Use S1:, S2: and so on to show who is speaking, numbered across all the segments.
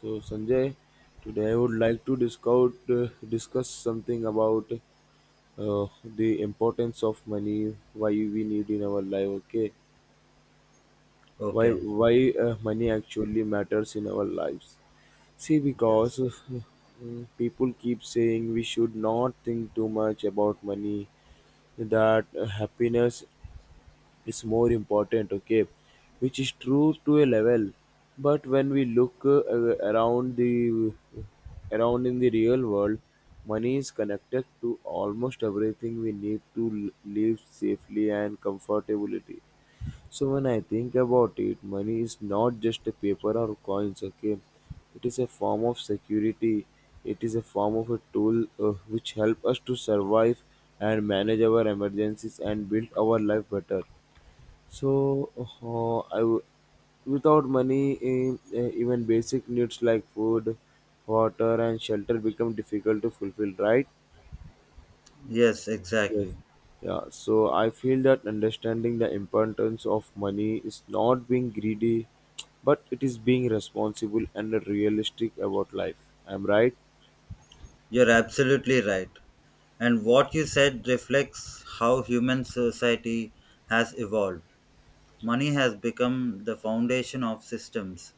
S1: So, Sanjay, today I would like to discuss, discuss something about the importance of money, why we need in our life. Okay, why
S2: Okay.
S1: why uh, money actually matters in our lives? See, because
S2: Yes.
S1: uh, mm, people keep saying we should not think too much about money, that happiness is more important, okay, which is true to a level, but when we look around the around in the real world, money is connected to almost everything we need to live safely and comfortably. So when I think about it, money is not just a paper or coins, okay, it is a form of security, it is a form of a tool which help us to survive and manage our emergencies and build our life better. So, uh, I w- without money, even basic needs like food, water, and shelter become difficult to fulfill, right?
S2: Yes,
S1: Yes.
S2: exactly.
S1: Yeah, so I feel that understanding the importance of money is not being greedy, but it is being responsible and realistic about life. I'm right?
S2: You're absolutely right. And what you said reflects how human society has evolved. Money has become the foundation of systems,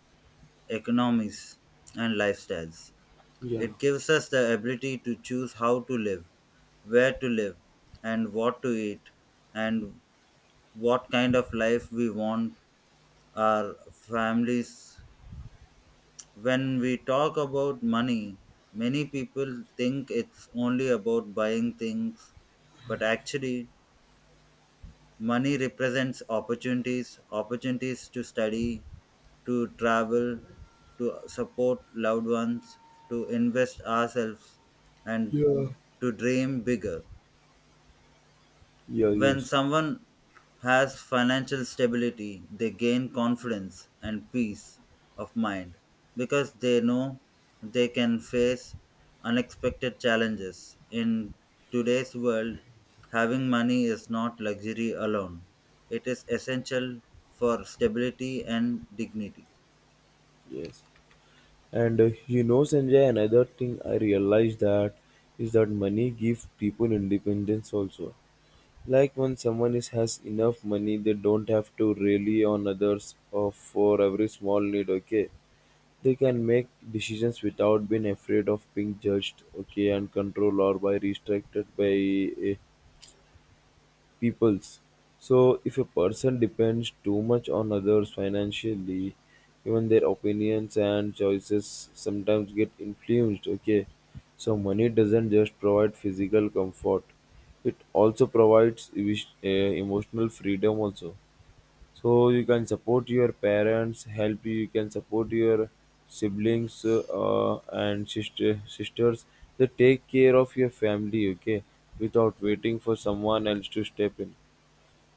S2: economies, and lifestyles.
S1: Yeah.
S2: It gives us the ability to choose how to live, where to live, and what to eat, and what kind of life we want our families. When we talk about money, many people think it's only about buying things, but actually, money represents opportunities to study, to travel, to support loved ones, to invest ourselves, and
S1: Yeah.
S2: to dream bigger.
S1: Yeah,
S2: When
S1: yes.
S2: someone has financial stability, they gain confidence and peace of mind because they know they can face unexpected challenges. In today's world, having money is not luxury alone, it is essential for stability and dignity.
S1: Yes. And you know, Sanjay, another thing I realized that is that money gives people independence also. Like when someone is, has enough money, they don't have to rely on others or for every small need. Okay, they can make decisions without being afraid of being judged. Okay, and controlled or by restricted by eh, peoples. So, if a person depends too much on others financially, even their opinions and choices sometimes get influenced. Okay, so money doesn't just provide physical comfort, it also provides emotional freedom, also. So, you can support your parents, help you, you can support your siblings and sisters. They take care of your family, okay, without waiting for someone else to step in.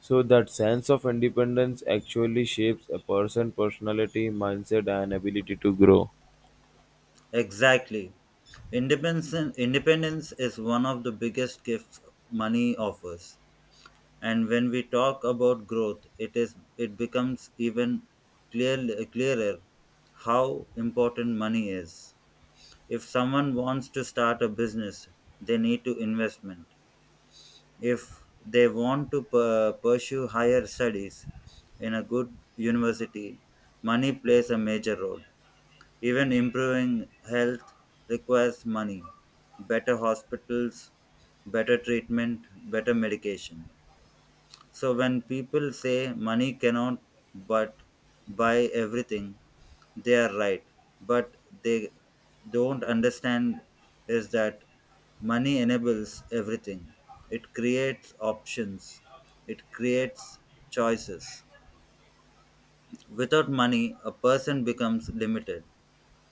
S1: So that sense of independence actually shapes a person's personality, mindset, and ability to grow.
S2: Exactly. Independence is one of the biggest gifts money offers, and when we talk about growth, it becomes even clear, clearer how important money is. If someone wants to start a business, they need to investment. If they want to pursue higher studies in a good university, money plays a major role. Even improving health requires money, better hospitals, better treatment, better medication. So when people say money cannot but buy everything, they are right. But they don't understand is that money enables everything. It creates options. It creates choices. Without money, a person becomes limited,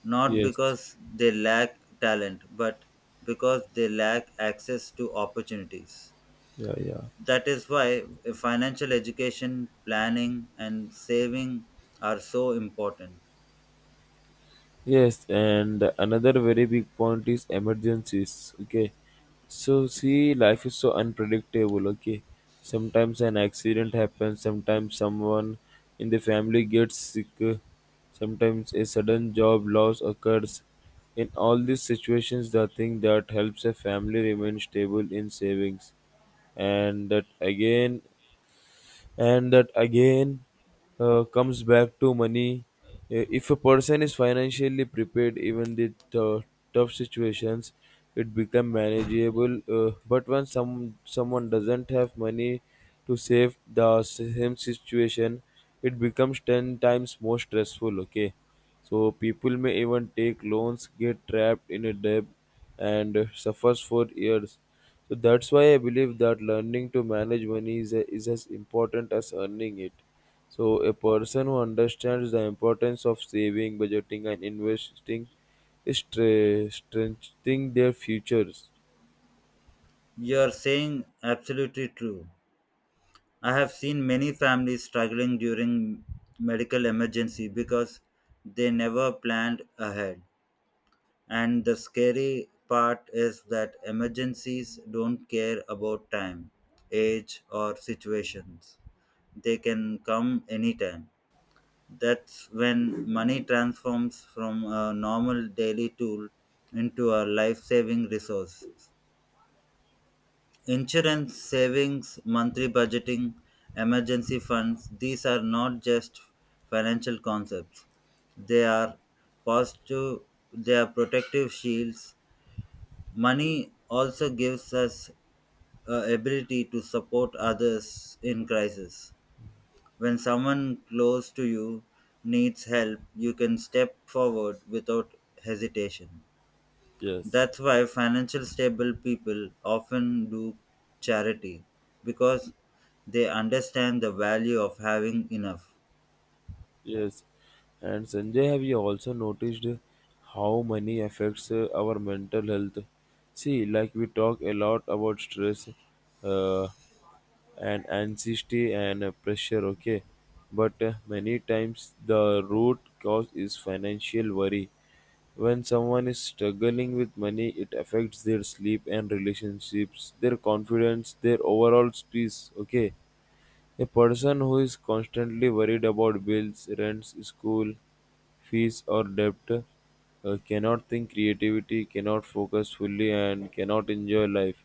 S2: not
S1: Yes.
S2: because they lack talent, but because they lack access to opportunities.
S1: Yeah, yeah.
S2: That is why financial education, planning, and saving are so important.
S1: Yes, and another very big point is emergencies. Okay, so see, life is so unpredictable. Okay, sometimes an accident happens, sometimes someone in the family gets sick, sometimes a sudden job loss occurs. In all these situations, the thing that helps a family remain stable in savings, and that again and that again comes back to money. If a person is financially prepared, even the tough situations, it become manageable, but when someone doesn't have money to save, the same situation, it becomes 10 times more stressful, okay, so people may even take loans, get trapped in a debt, and suffers for years. So that's why I believe that learning to manage money is as important as earning it. So a person who understands the importance of saving, budgeting, and investing is strengthening their futures.
S2: You're saying absolutely true. I have seen many families struggling during medical emergency because they never planned ahead, and the scary part is that emergencies don't care about time, age, or situations. They can come anytime. That's when money transforms from a normal daily tool into a life saving resource. Insurance, savings, monthly budgeting, emergency funds, these are not just financial concepts. They are positive, they are protective shields. Money also gives us ability to support others in crisis. When someone close to you needs help, you can step forward without hesitation.
S1: Yes.
S2: That's why financial stable people often do charity because they understand the value of having enough.
S1: Yes, and Sanjay, have you also noticed how money affects our mental health? See, like we talk a lot about stress uh, and anxiety and pressure, okay? But many times the root cause is financial worry. When someone is struggling with money, it affects their sleep and relationships, their confidence, their overall peace, okay? A person who is constantly worried about bills, rents, school fees, or debt cannot think creativity, cannot focus fully, and cannot enjoy life.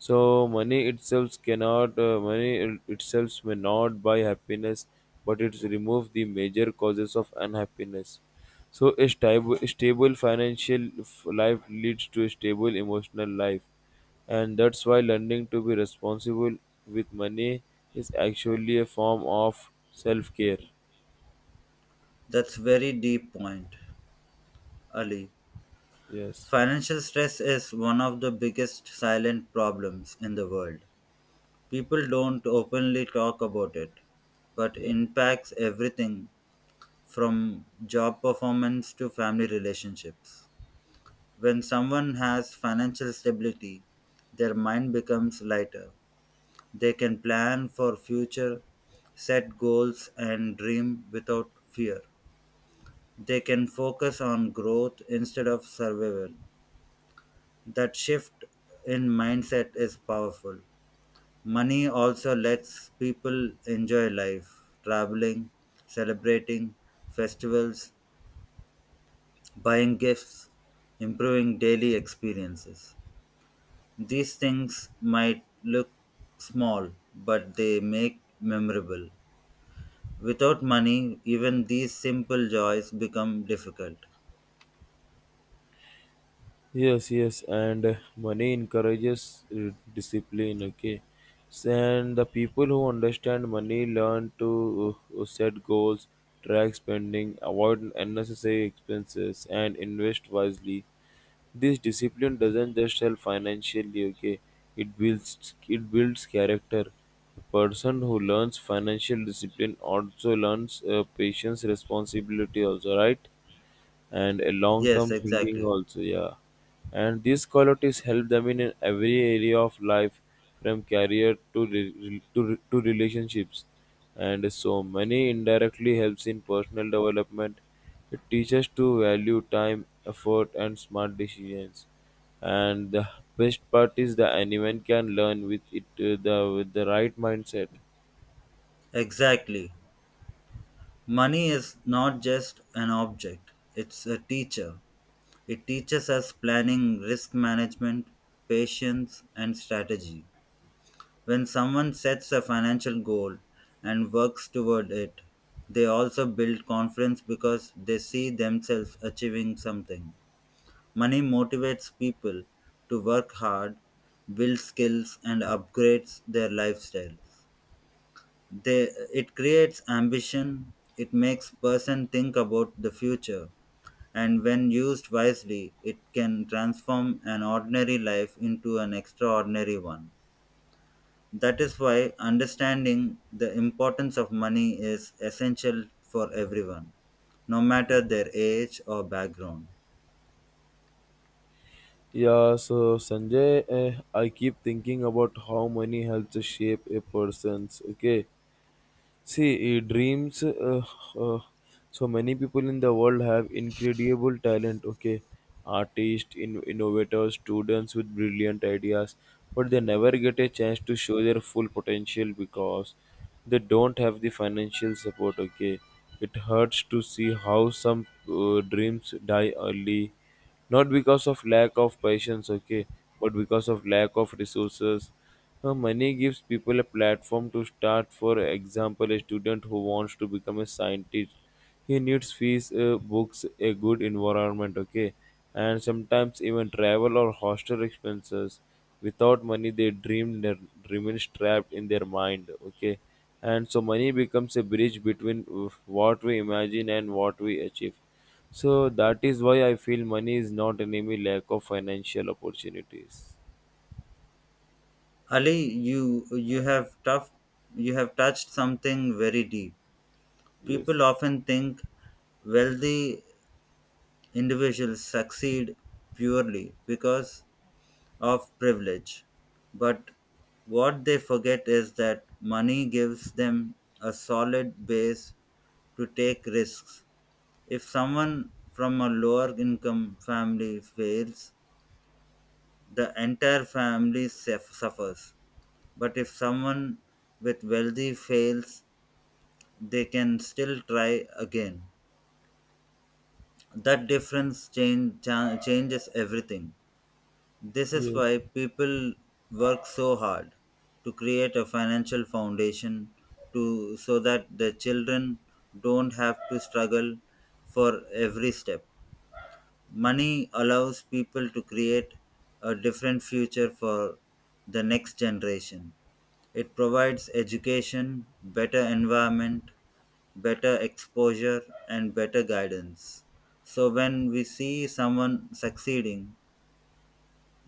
S1: So money itself cannot money it- itself may not buy happiness, but it removes the major causes of unhappiness. So a stable financial life leads to a stable emotional life, and that's why learning to be responsible with money is actually a form of self-care.
S2: That's very deep point, Ali.
S1: Yes.
S2: Financial stress is one of the biggest silent problems in the world. People don't openly talk about it, but
S1: Yeah.
S2: impacts everything from job performance to family relationships. When someone has financial stability, their mind becomes lighter. They can plan for future, set goals, and dream without fear. They can focus on growth instead of survival. That shift in mindset is powerful. Money also lets people enjoy life, traveling, celebrating, festivals, buying gifts, improving daily experiences. These things might look small, but they make memorable. Without money, even these simple joys become difficult.
S1: Yes, yes, and money encourages discipline. Okay, so, and the people who understand money learn to set goals, track spending, avoid unnecessary expenses, and invest wisely. This discipline doesn't just help financially. Okay, it builds character. A person who learns financial discipline also learns patience, responsibility. Also, right? And a long
S2: Yes,
S1: term thinking
S2: exactly.
S1: also, yeah. And these qualities help them in every area of life, from career to relationships, and so many indirectly helps in personal development. It teaches to value time, effort, and smart decisions. And the best part is that anyone can learn with it, the with the right mindset.
S2: Exactly. Money is not just an object, it's a teacher. It teaches us planning, risk management, patience, and strategy. When someone sets a financial goal and works toward it, they also build confidence because they see themselves achieving something. Money motivates people to work hard, build skills, and upgrades their lifestyles. They, it creates ambition, it makes person think about the future, and when used wisely, it can transform an ordinary life into an extraordinary one. That is why understanding the importance of money is essential for everyone, no matter their age or background.
S1: Yeah, so Sanjay, I keep thinking about how money helps shape a person's, okay. See, dreams. Uh, so many people in the world have incredible talent. Okay, artists, innovators, students with brilliant ideas, but they never get a chance to show their full potential because they don't have the financial support. Okay, it hurts to see how some dreams die early, not because of lack of patience. Okay, but because of lack of resources. Money gives people a platform to start. For example, a student who wants to become a scientist, he needs fees, books, a good environment, okay, and sometimes even travel or hostel expenses. Without money, they dream remains trapped in their mind, okay, and so money becomes a bridge between what we imagine and what we achieve. So that is why I feel money is not enemy lack of financial opportunities.
S2: Ali, you have tough you have touched something very deep. People
S1: Yes.
S2: often think wealthy individuals succeed purely because of privilege. But what they forget is that money gives them a solid base to take risks. If someone from a lower income family fails, the entire family suffers. But if someone with wealthy fails, they can still try again. That difference changes everything. This is
S1: Yes.
S2: why people work so hard to create a financial foundation to so that the children don't have to struggle for every step. Money allows people to create a different future for the next generation. It provides education, better environment, better exposure, and better guidance. So, when we see someone succeeding,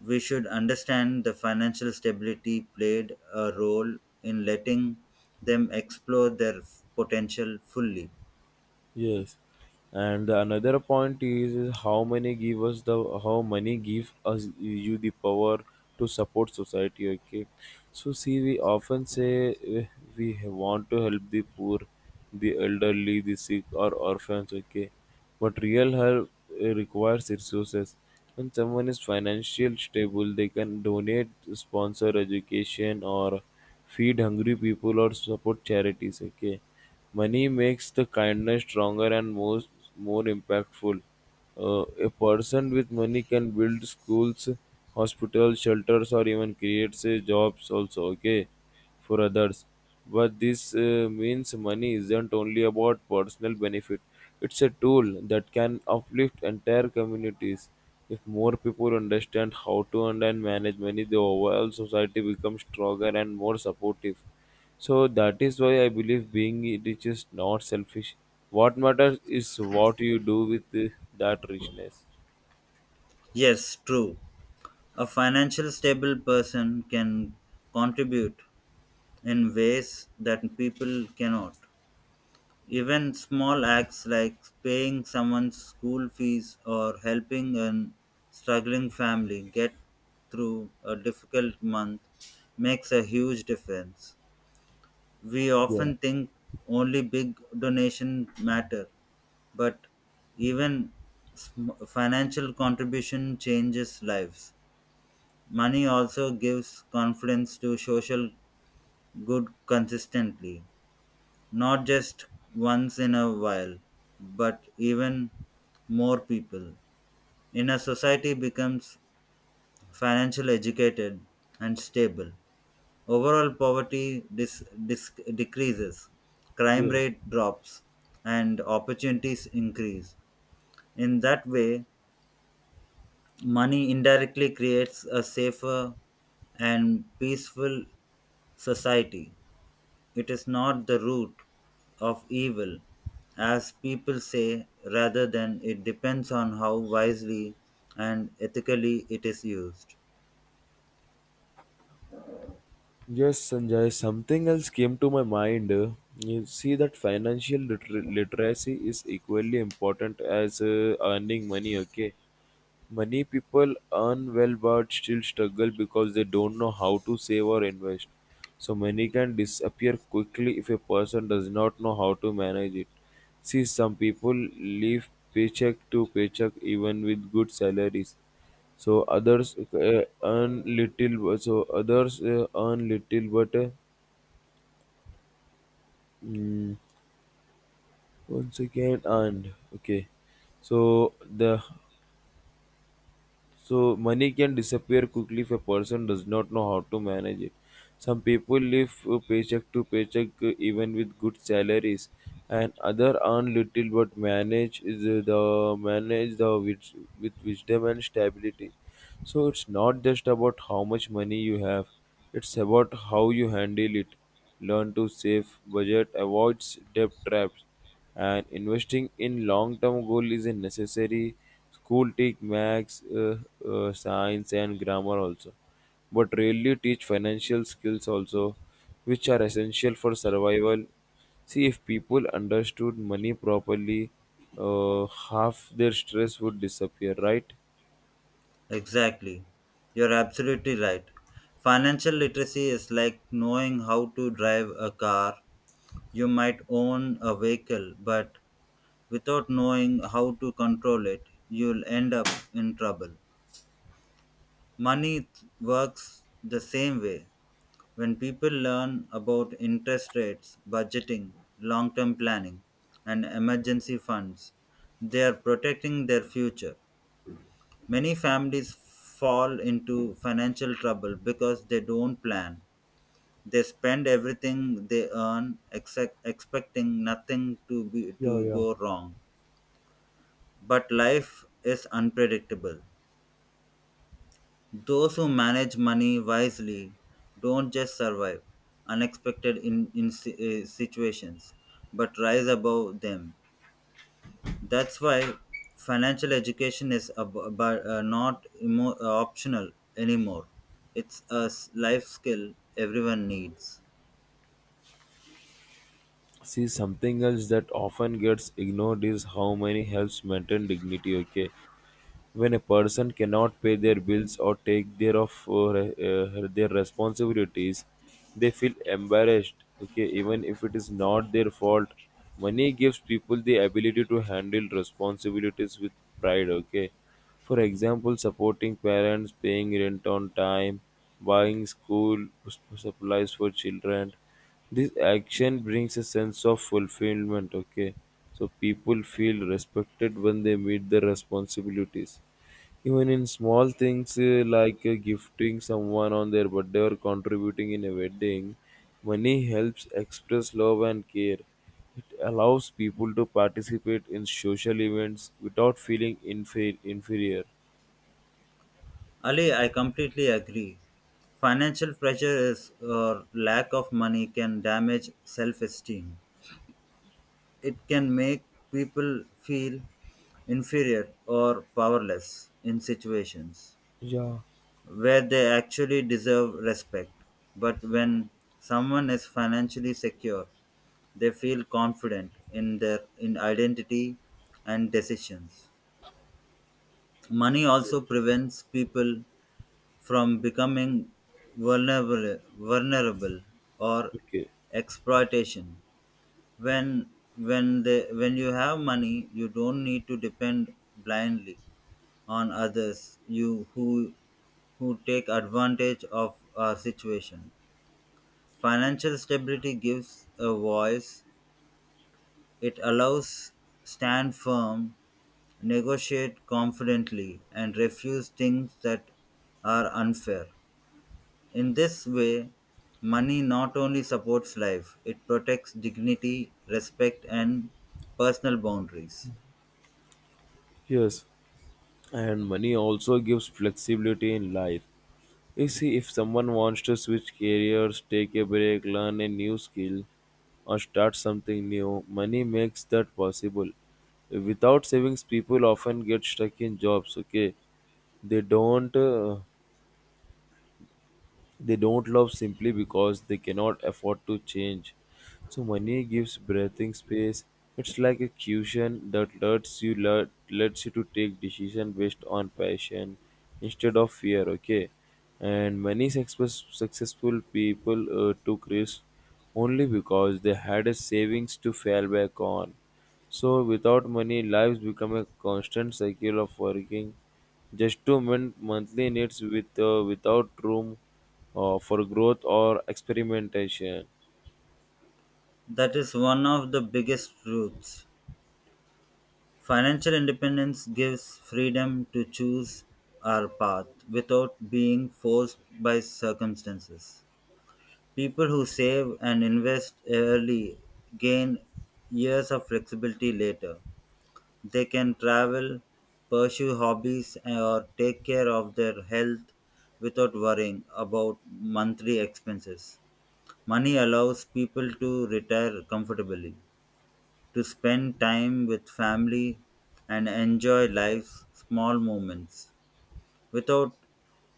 S2: we should understand the financial stability played a role in letting them explore their potential fully.
S1: Yes, and another point is how many give us the how money give us you the power to support society. Okay, so see, we often say we want to help the poor, the elderly, the sick, or orphans. Okay, but real help requires resources. When someone is financially stable, they can donate, sponsor education, or feed hungry people, or support charities. Okay. Money makes the kindness stronger and more impactful. A person with money can build schools, hospitals, shelters, or even creates jobs also, okay, for others. But this means money isn't only about personal benefit, it's a tool that can uplift entire communities. If more people understand how to earn and manage money, the overall society becomes stronger and more supportive. So that is why I believe being rich is not selfish. What matters is what you do with that richness.
S2: Yes, true. A financially stable person can contribute in ways that people cannot. Even small acts like paying someone's school fees or helping a struggling family get through a difficult month makes a huge difference. We
S1: Yeah,
S2: often think only big donations matter, but even sm- financial contribution changes lives. Money also gives confidence to social good consistently, not just once in a while, but even more people. In a society becomes financially educated and stable. Overall poverty decreases, crime
S1: yeah.
S2: rate drops, and opportunities increase. In that way, money indirectly creates a safer and peaceful society. It is not the root of evil, as people say, rather than it depends on how wisely and ethically it is used.
S1: Yes, Sanjay, something else came to my mind. You see that financial literacy is equally important as earning money, okay? Many people earn well but still struggle because they don't know how to save or invest. So money can disappear quickly if a person does not know how to manage it. See, some people live paycheck to paycheck even with good salaries. So others earn little, but mm, once again earned. Okay, so the. So money can disappear quickly if a person does not know how to manage it. Some people live paycheck to paycheck even with good salaries, and other earn little but manage is the manage the with wisdom and stability. So it's not just about how much money you have; it's about how you handle it. Learn to save, budget, avoid debt traps, and investing in long-term goal is a necessary. School teach max, science, and grammar also, but rarely teach financial skills also, which are essential for survival. See, if people understood money properly, half their stress would disappear, right?
S2: Exactly. You're absolutely right. Financial literacy is like knowing how to drive a car. You might own a vehicle, but without knowing how to control it, you'll end up in trouble. Money works the same way. When people learn about interest rates, budgeting, long term planning, and emergency funds, they are protecting their future. Many families fall into financial trouble because they don't plan. They spend everything they earn except expecting nothing to be
S1: Yeah,
S2: to
S1: yeah.
S2: go wrong. But life is unpredictable. Those who manage money wisely don't just survive unexpected situations, but rise above them. That's why financial education is not optional anymore. It's a life skill everyone needs.
S1: See, something else that often gets ignored is how money helps maintain dignity, okay? When a person cannot pay their bills or take their of their responsibilities, they feel embarrassed, okay, even if it is not their fault. Money gives people the ability to handle responsibilities with pride, okay, for example supporting parents, paying rent on time, buying school supplies for children. This action brings a sense of fulfillment. Okay, so people feel respected when they meet their responsibilities, even in small things, like gifting someone on their birthday or contributing in a wedding. Money helps express love and care. It allows people to participate in social events without feeling inferior.
S2: Ali, I completely agree. Financial pressure is or lack of money can damage self-esteem. It can make people feel inferior or powerless in situations
S1: Yeah.
S2: where they actually deserve respect. But when someone is financially secure, they feel confident in their in identity and decisions. Money also prevents people from becoming vulnerable or
S1: Okay.
S2: exploitation. When when they when you have money, you don't need to depend blindly on others you who take advantage of our situation. Financial stability gives a voice, it allows stand firm, negotiate confidently, and refuse things that are unfair. In this way, money not only supports life, it protects dignity, respect, and personal boundaries.
S1: Yes. And money also gives flexibility in life. You see, if someone wants to switch careers, take a break, learn a new skill, or start something new, money makes that possible. Without savings, people often get stuck in jobs, okay? They don't. They don't love simply because they cannot afford to change. So money gives breathing space. It's like a cushion that lets you to take decision based on passion instead of fear. Okay, and many successful people took risks only because they had a savings to fall back on. So without money, lives become a constant cycle of working just to meet monthly needs without room for growth or experimentation.
S2: That is one of the biggest truths. Financial independence gives freedom to choose our path without being forced by circumstances. People who save and invest early gain years of flexibility later. They can travel, pursue hobbies, or take care of their health without worrying about monthly expenses. Money allows people to retire comfortably, to spend time with family, and enjoy life's small moments. Without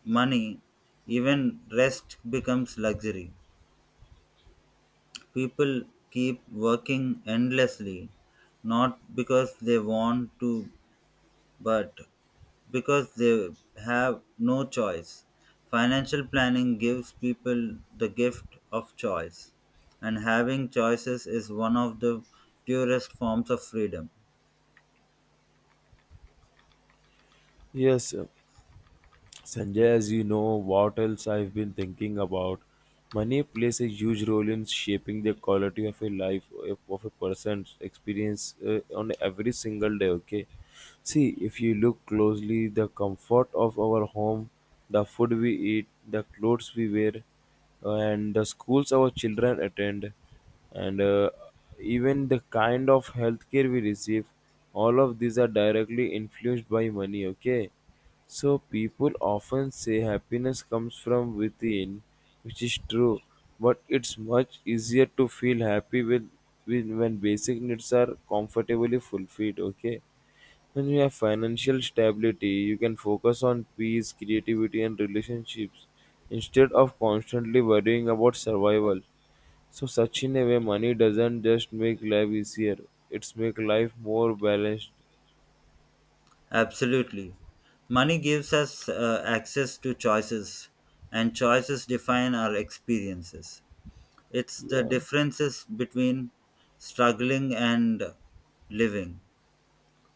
S2: money, even rest becomes luxury. People keep working endlessly, not because they want to, but because they have no choice. Financial planning gives people the gift of choice, and having choices is one of the purest forms of freedom.
S1: Yes, sir. Sanjay, as you know, what else I've been thinking about? Money plays a huge role in shaping the quality of a life of a person's experience on every single day. Okay, see if you look closely, the comfort of our home, the food we eat, the clothes we wear, and the schools our children attend, and even the kind of healthcare we receive, all of these are directly influenced by money. Okay, so people often say happiness comes from within, which is true, but it's much easier to feel happy with when basic needs are comfortably fulfilled, okay? When you have financial stability, you can focus on peace, creativity and relationships instead of constantly worrying about survival. So such in a way money doesn't just make life easier, it's make life more balanced.
S2: Absolutely. Money gives us access to choices, and choices define our experiences. It's the
S1: Yeah.
S2: differences between struggling and living.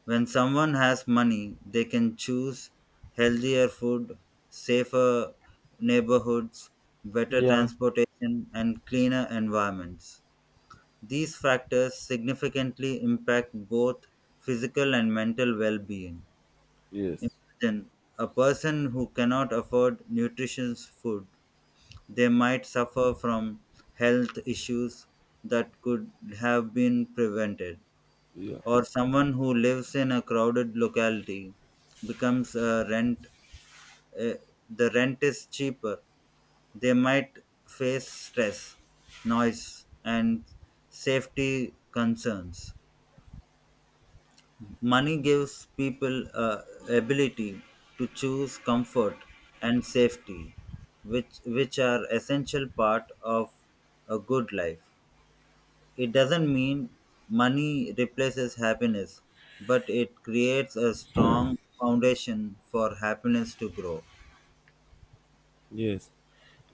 S2: When someone has money, they can choose healthier food, safer neighborhoods, better
S1: Yeah.
S2: transportation, and cleaner environments. These factors significantly impact both physical and mental well being.
S1: Yes.
S2: Imagine a person who cannot afford nutritious food, they might suffer from health issues that could have been prevented,
S1: Yeah.
S2: or someone who lives in a crowded locality becomes a rent uh, the rent is cheaper, they might face stress, noise, and safety concerns. Money gives people ability to choose comfort and safety, which are essential part of a good life. It doesn't mean money replaces happiness, but it creates a strong foundation for happiness to grow.
S1: Yes.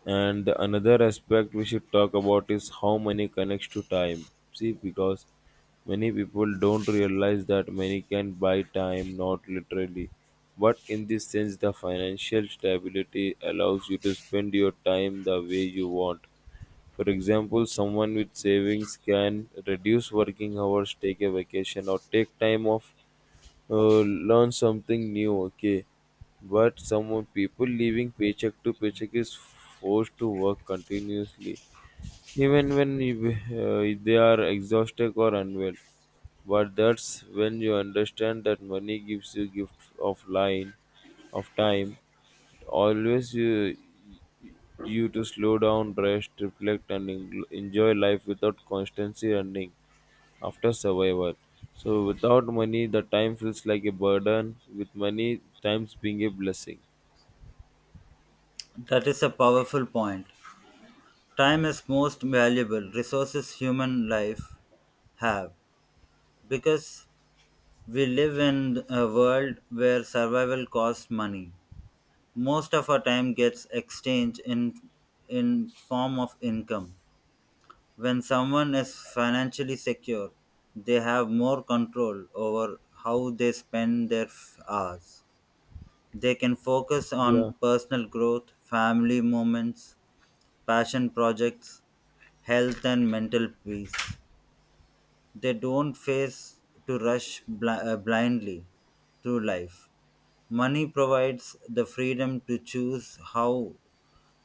S1: And another aspect we should talk about is how money connects to time. See, because many people don't realize that money can buy time, not literally. But in this sense, the financial stability allows you to spend your time the way you want. For example, someone with savings can reduce working hours, take a vacation, or take time off, uh, learn something new, okay. But some people living paycheck to paycheck is forced to work continuously, even when uh, they are exhausted or unwell. But that's when you understand that money gives you gift of line, of time. It always you, you to slow down, rest, reflect, and enjoy life without constantly running after survival. So without money, the time feels like a burden. With money, time's being a blessing.
S2: That is a powerful point. Time is most valuable resources human life have because we live in a world where survival costs money. Most of our time gets exchanged in form of income. When someone is financially secure, they have more control over how they spend their hours. They can focus
S1: Yeah,
S2: on personal growth, family moments, passion projects, health, and mental peace. They don't face to rush blindly through life. Money provides the freedom to choose how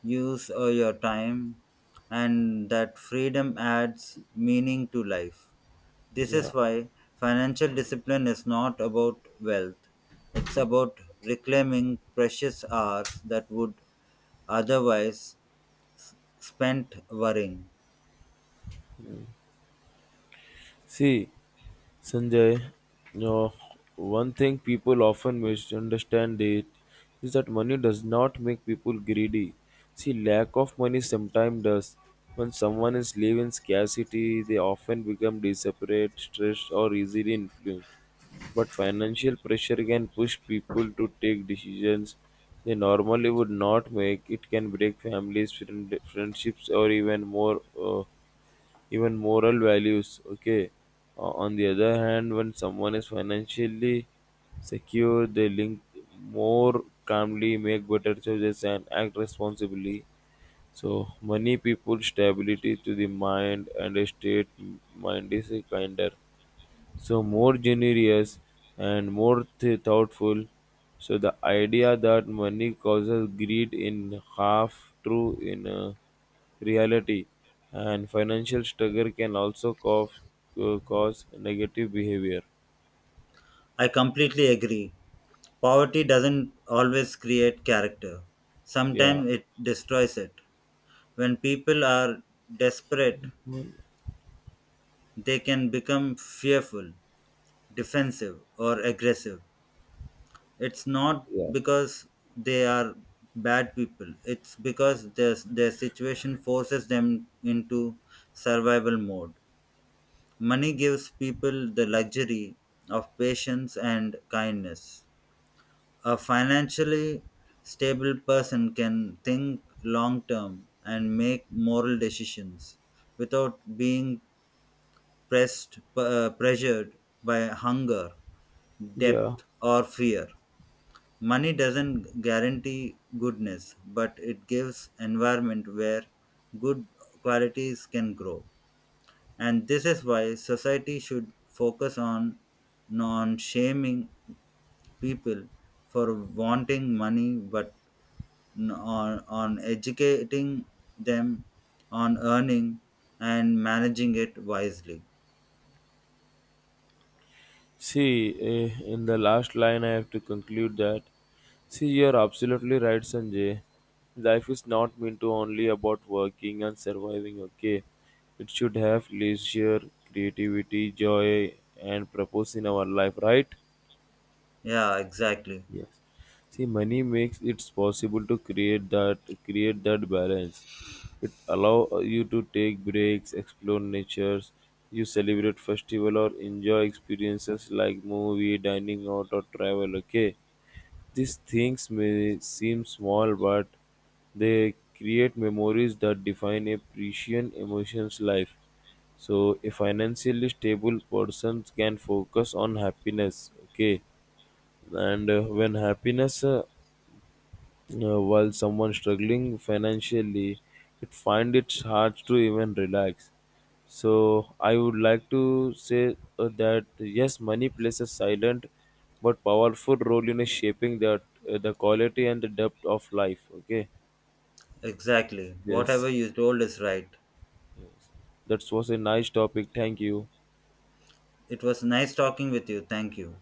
S2: use your time, and that freedom adds meaning to life. This
S1: yeah.
S2: is why financial discipline is not about wealth, it's about reclaiming precious hours that would otherwise spent worrying.
S1: See, Sanjay, you, one thing people often misunderstand it is that money does not make people greedy. See, lack of money sometimes does. When someone is living in scarcity, they often become desperate, stressed, or easily influenced. But financial pressure can push people to take decisions they normally would not make. It can break families, friendships, or even more. Even moral values, okay. O- on the other hand, when someone is financially secure they link more calmly, make better choices and act responsibly, so money people stability to the mind and a state mind is kinder, so more generous and more thoughtful. So the idea that money causes greed in half true in reality, and financial struggle can also cause negative behavior.
S2: I completely agree. Poverty doesn't always create character.
S1: Yeah.
S2: Sometimes it destroys it. When people are desperate,
S1: Well.
S2: they can become fearful, defensive, or aggressive. It's not
S1: Yeah.
S2: because they are bad people. It's because their situation forces them into survival mode. Money gives people the luxury of patience and kindness. A financially stable person can think long term and make moral decisions without being pressed pressured by hunger,
S1: Yeah.
S2: debt, or fear. Money doesn't guarantee goodness, but it gives environment where good qualities can grow. And this is why society should focus on non shaming people for wanting money but on educating them on earning and managing it wisely.
S1: See, eh, in the last line, I have to conclude that. See, you're absolutely right, Sanjay. Life is not meant to only about working and surviving, okay? It should have leisure, creativity, joy, and purpose in our life, right?
S2: Yeah, exactly.
S1: Yes. See, money makes it possible to create that balance. It allow you to take breaks, explore natures, you celebrate festival or enjoy experiences like movie, dining out or travel. Okay, these things may seem small, but they create memories that define a precious emotions life. So, a financially stable person can focus on happiness. Okay, and when happiness while someone struggling financially it find it hard to even relax, so I would like to say that yes, money plays a silent but powerful role in shaping that, the quality and the depth of life, okay.
S2: Exactly,
S1: Yes,
S2: whatever you told is right.
S1: yes. That was a nice topic, thank you.
S2: It was nice talking with you, thank you.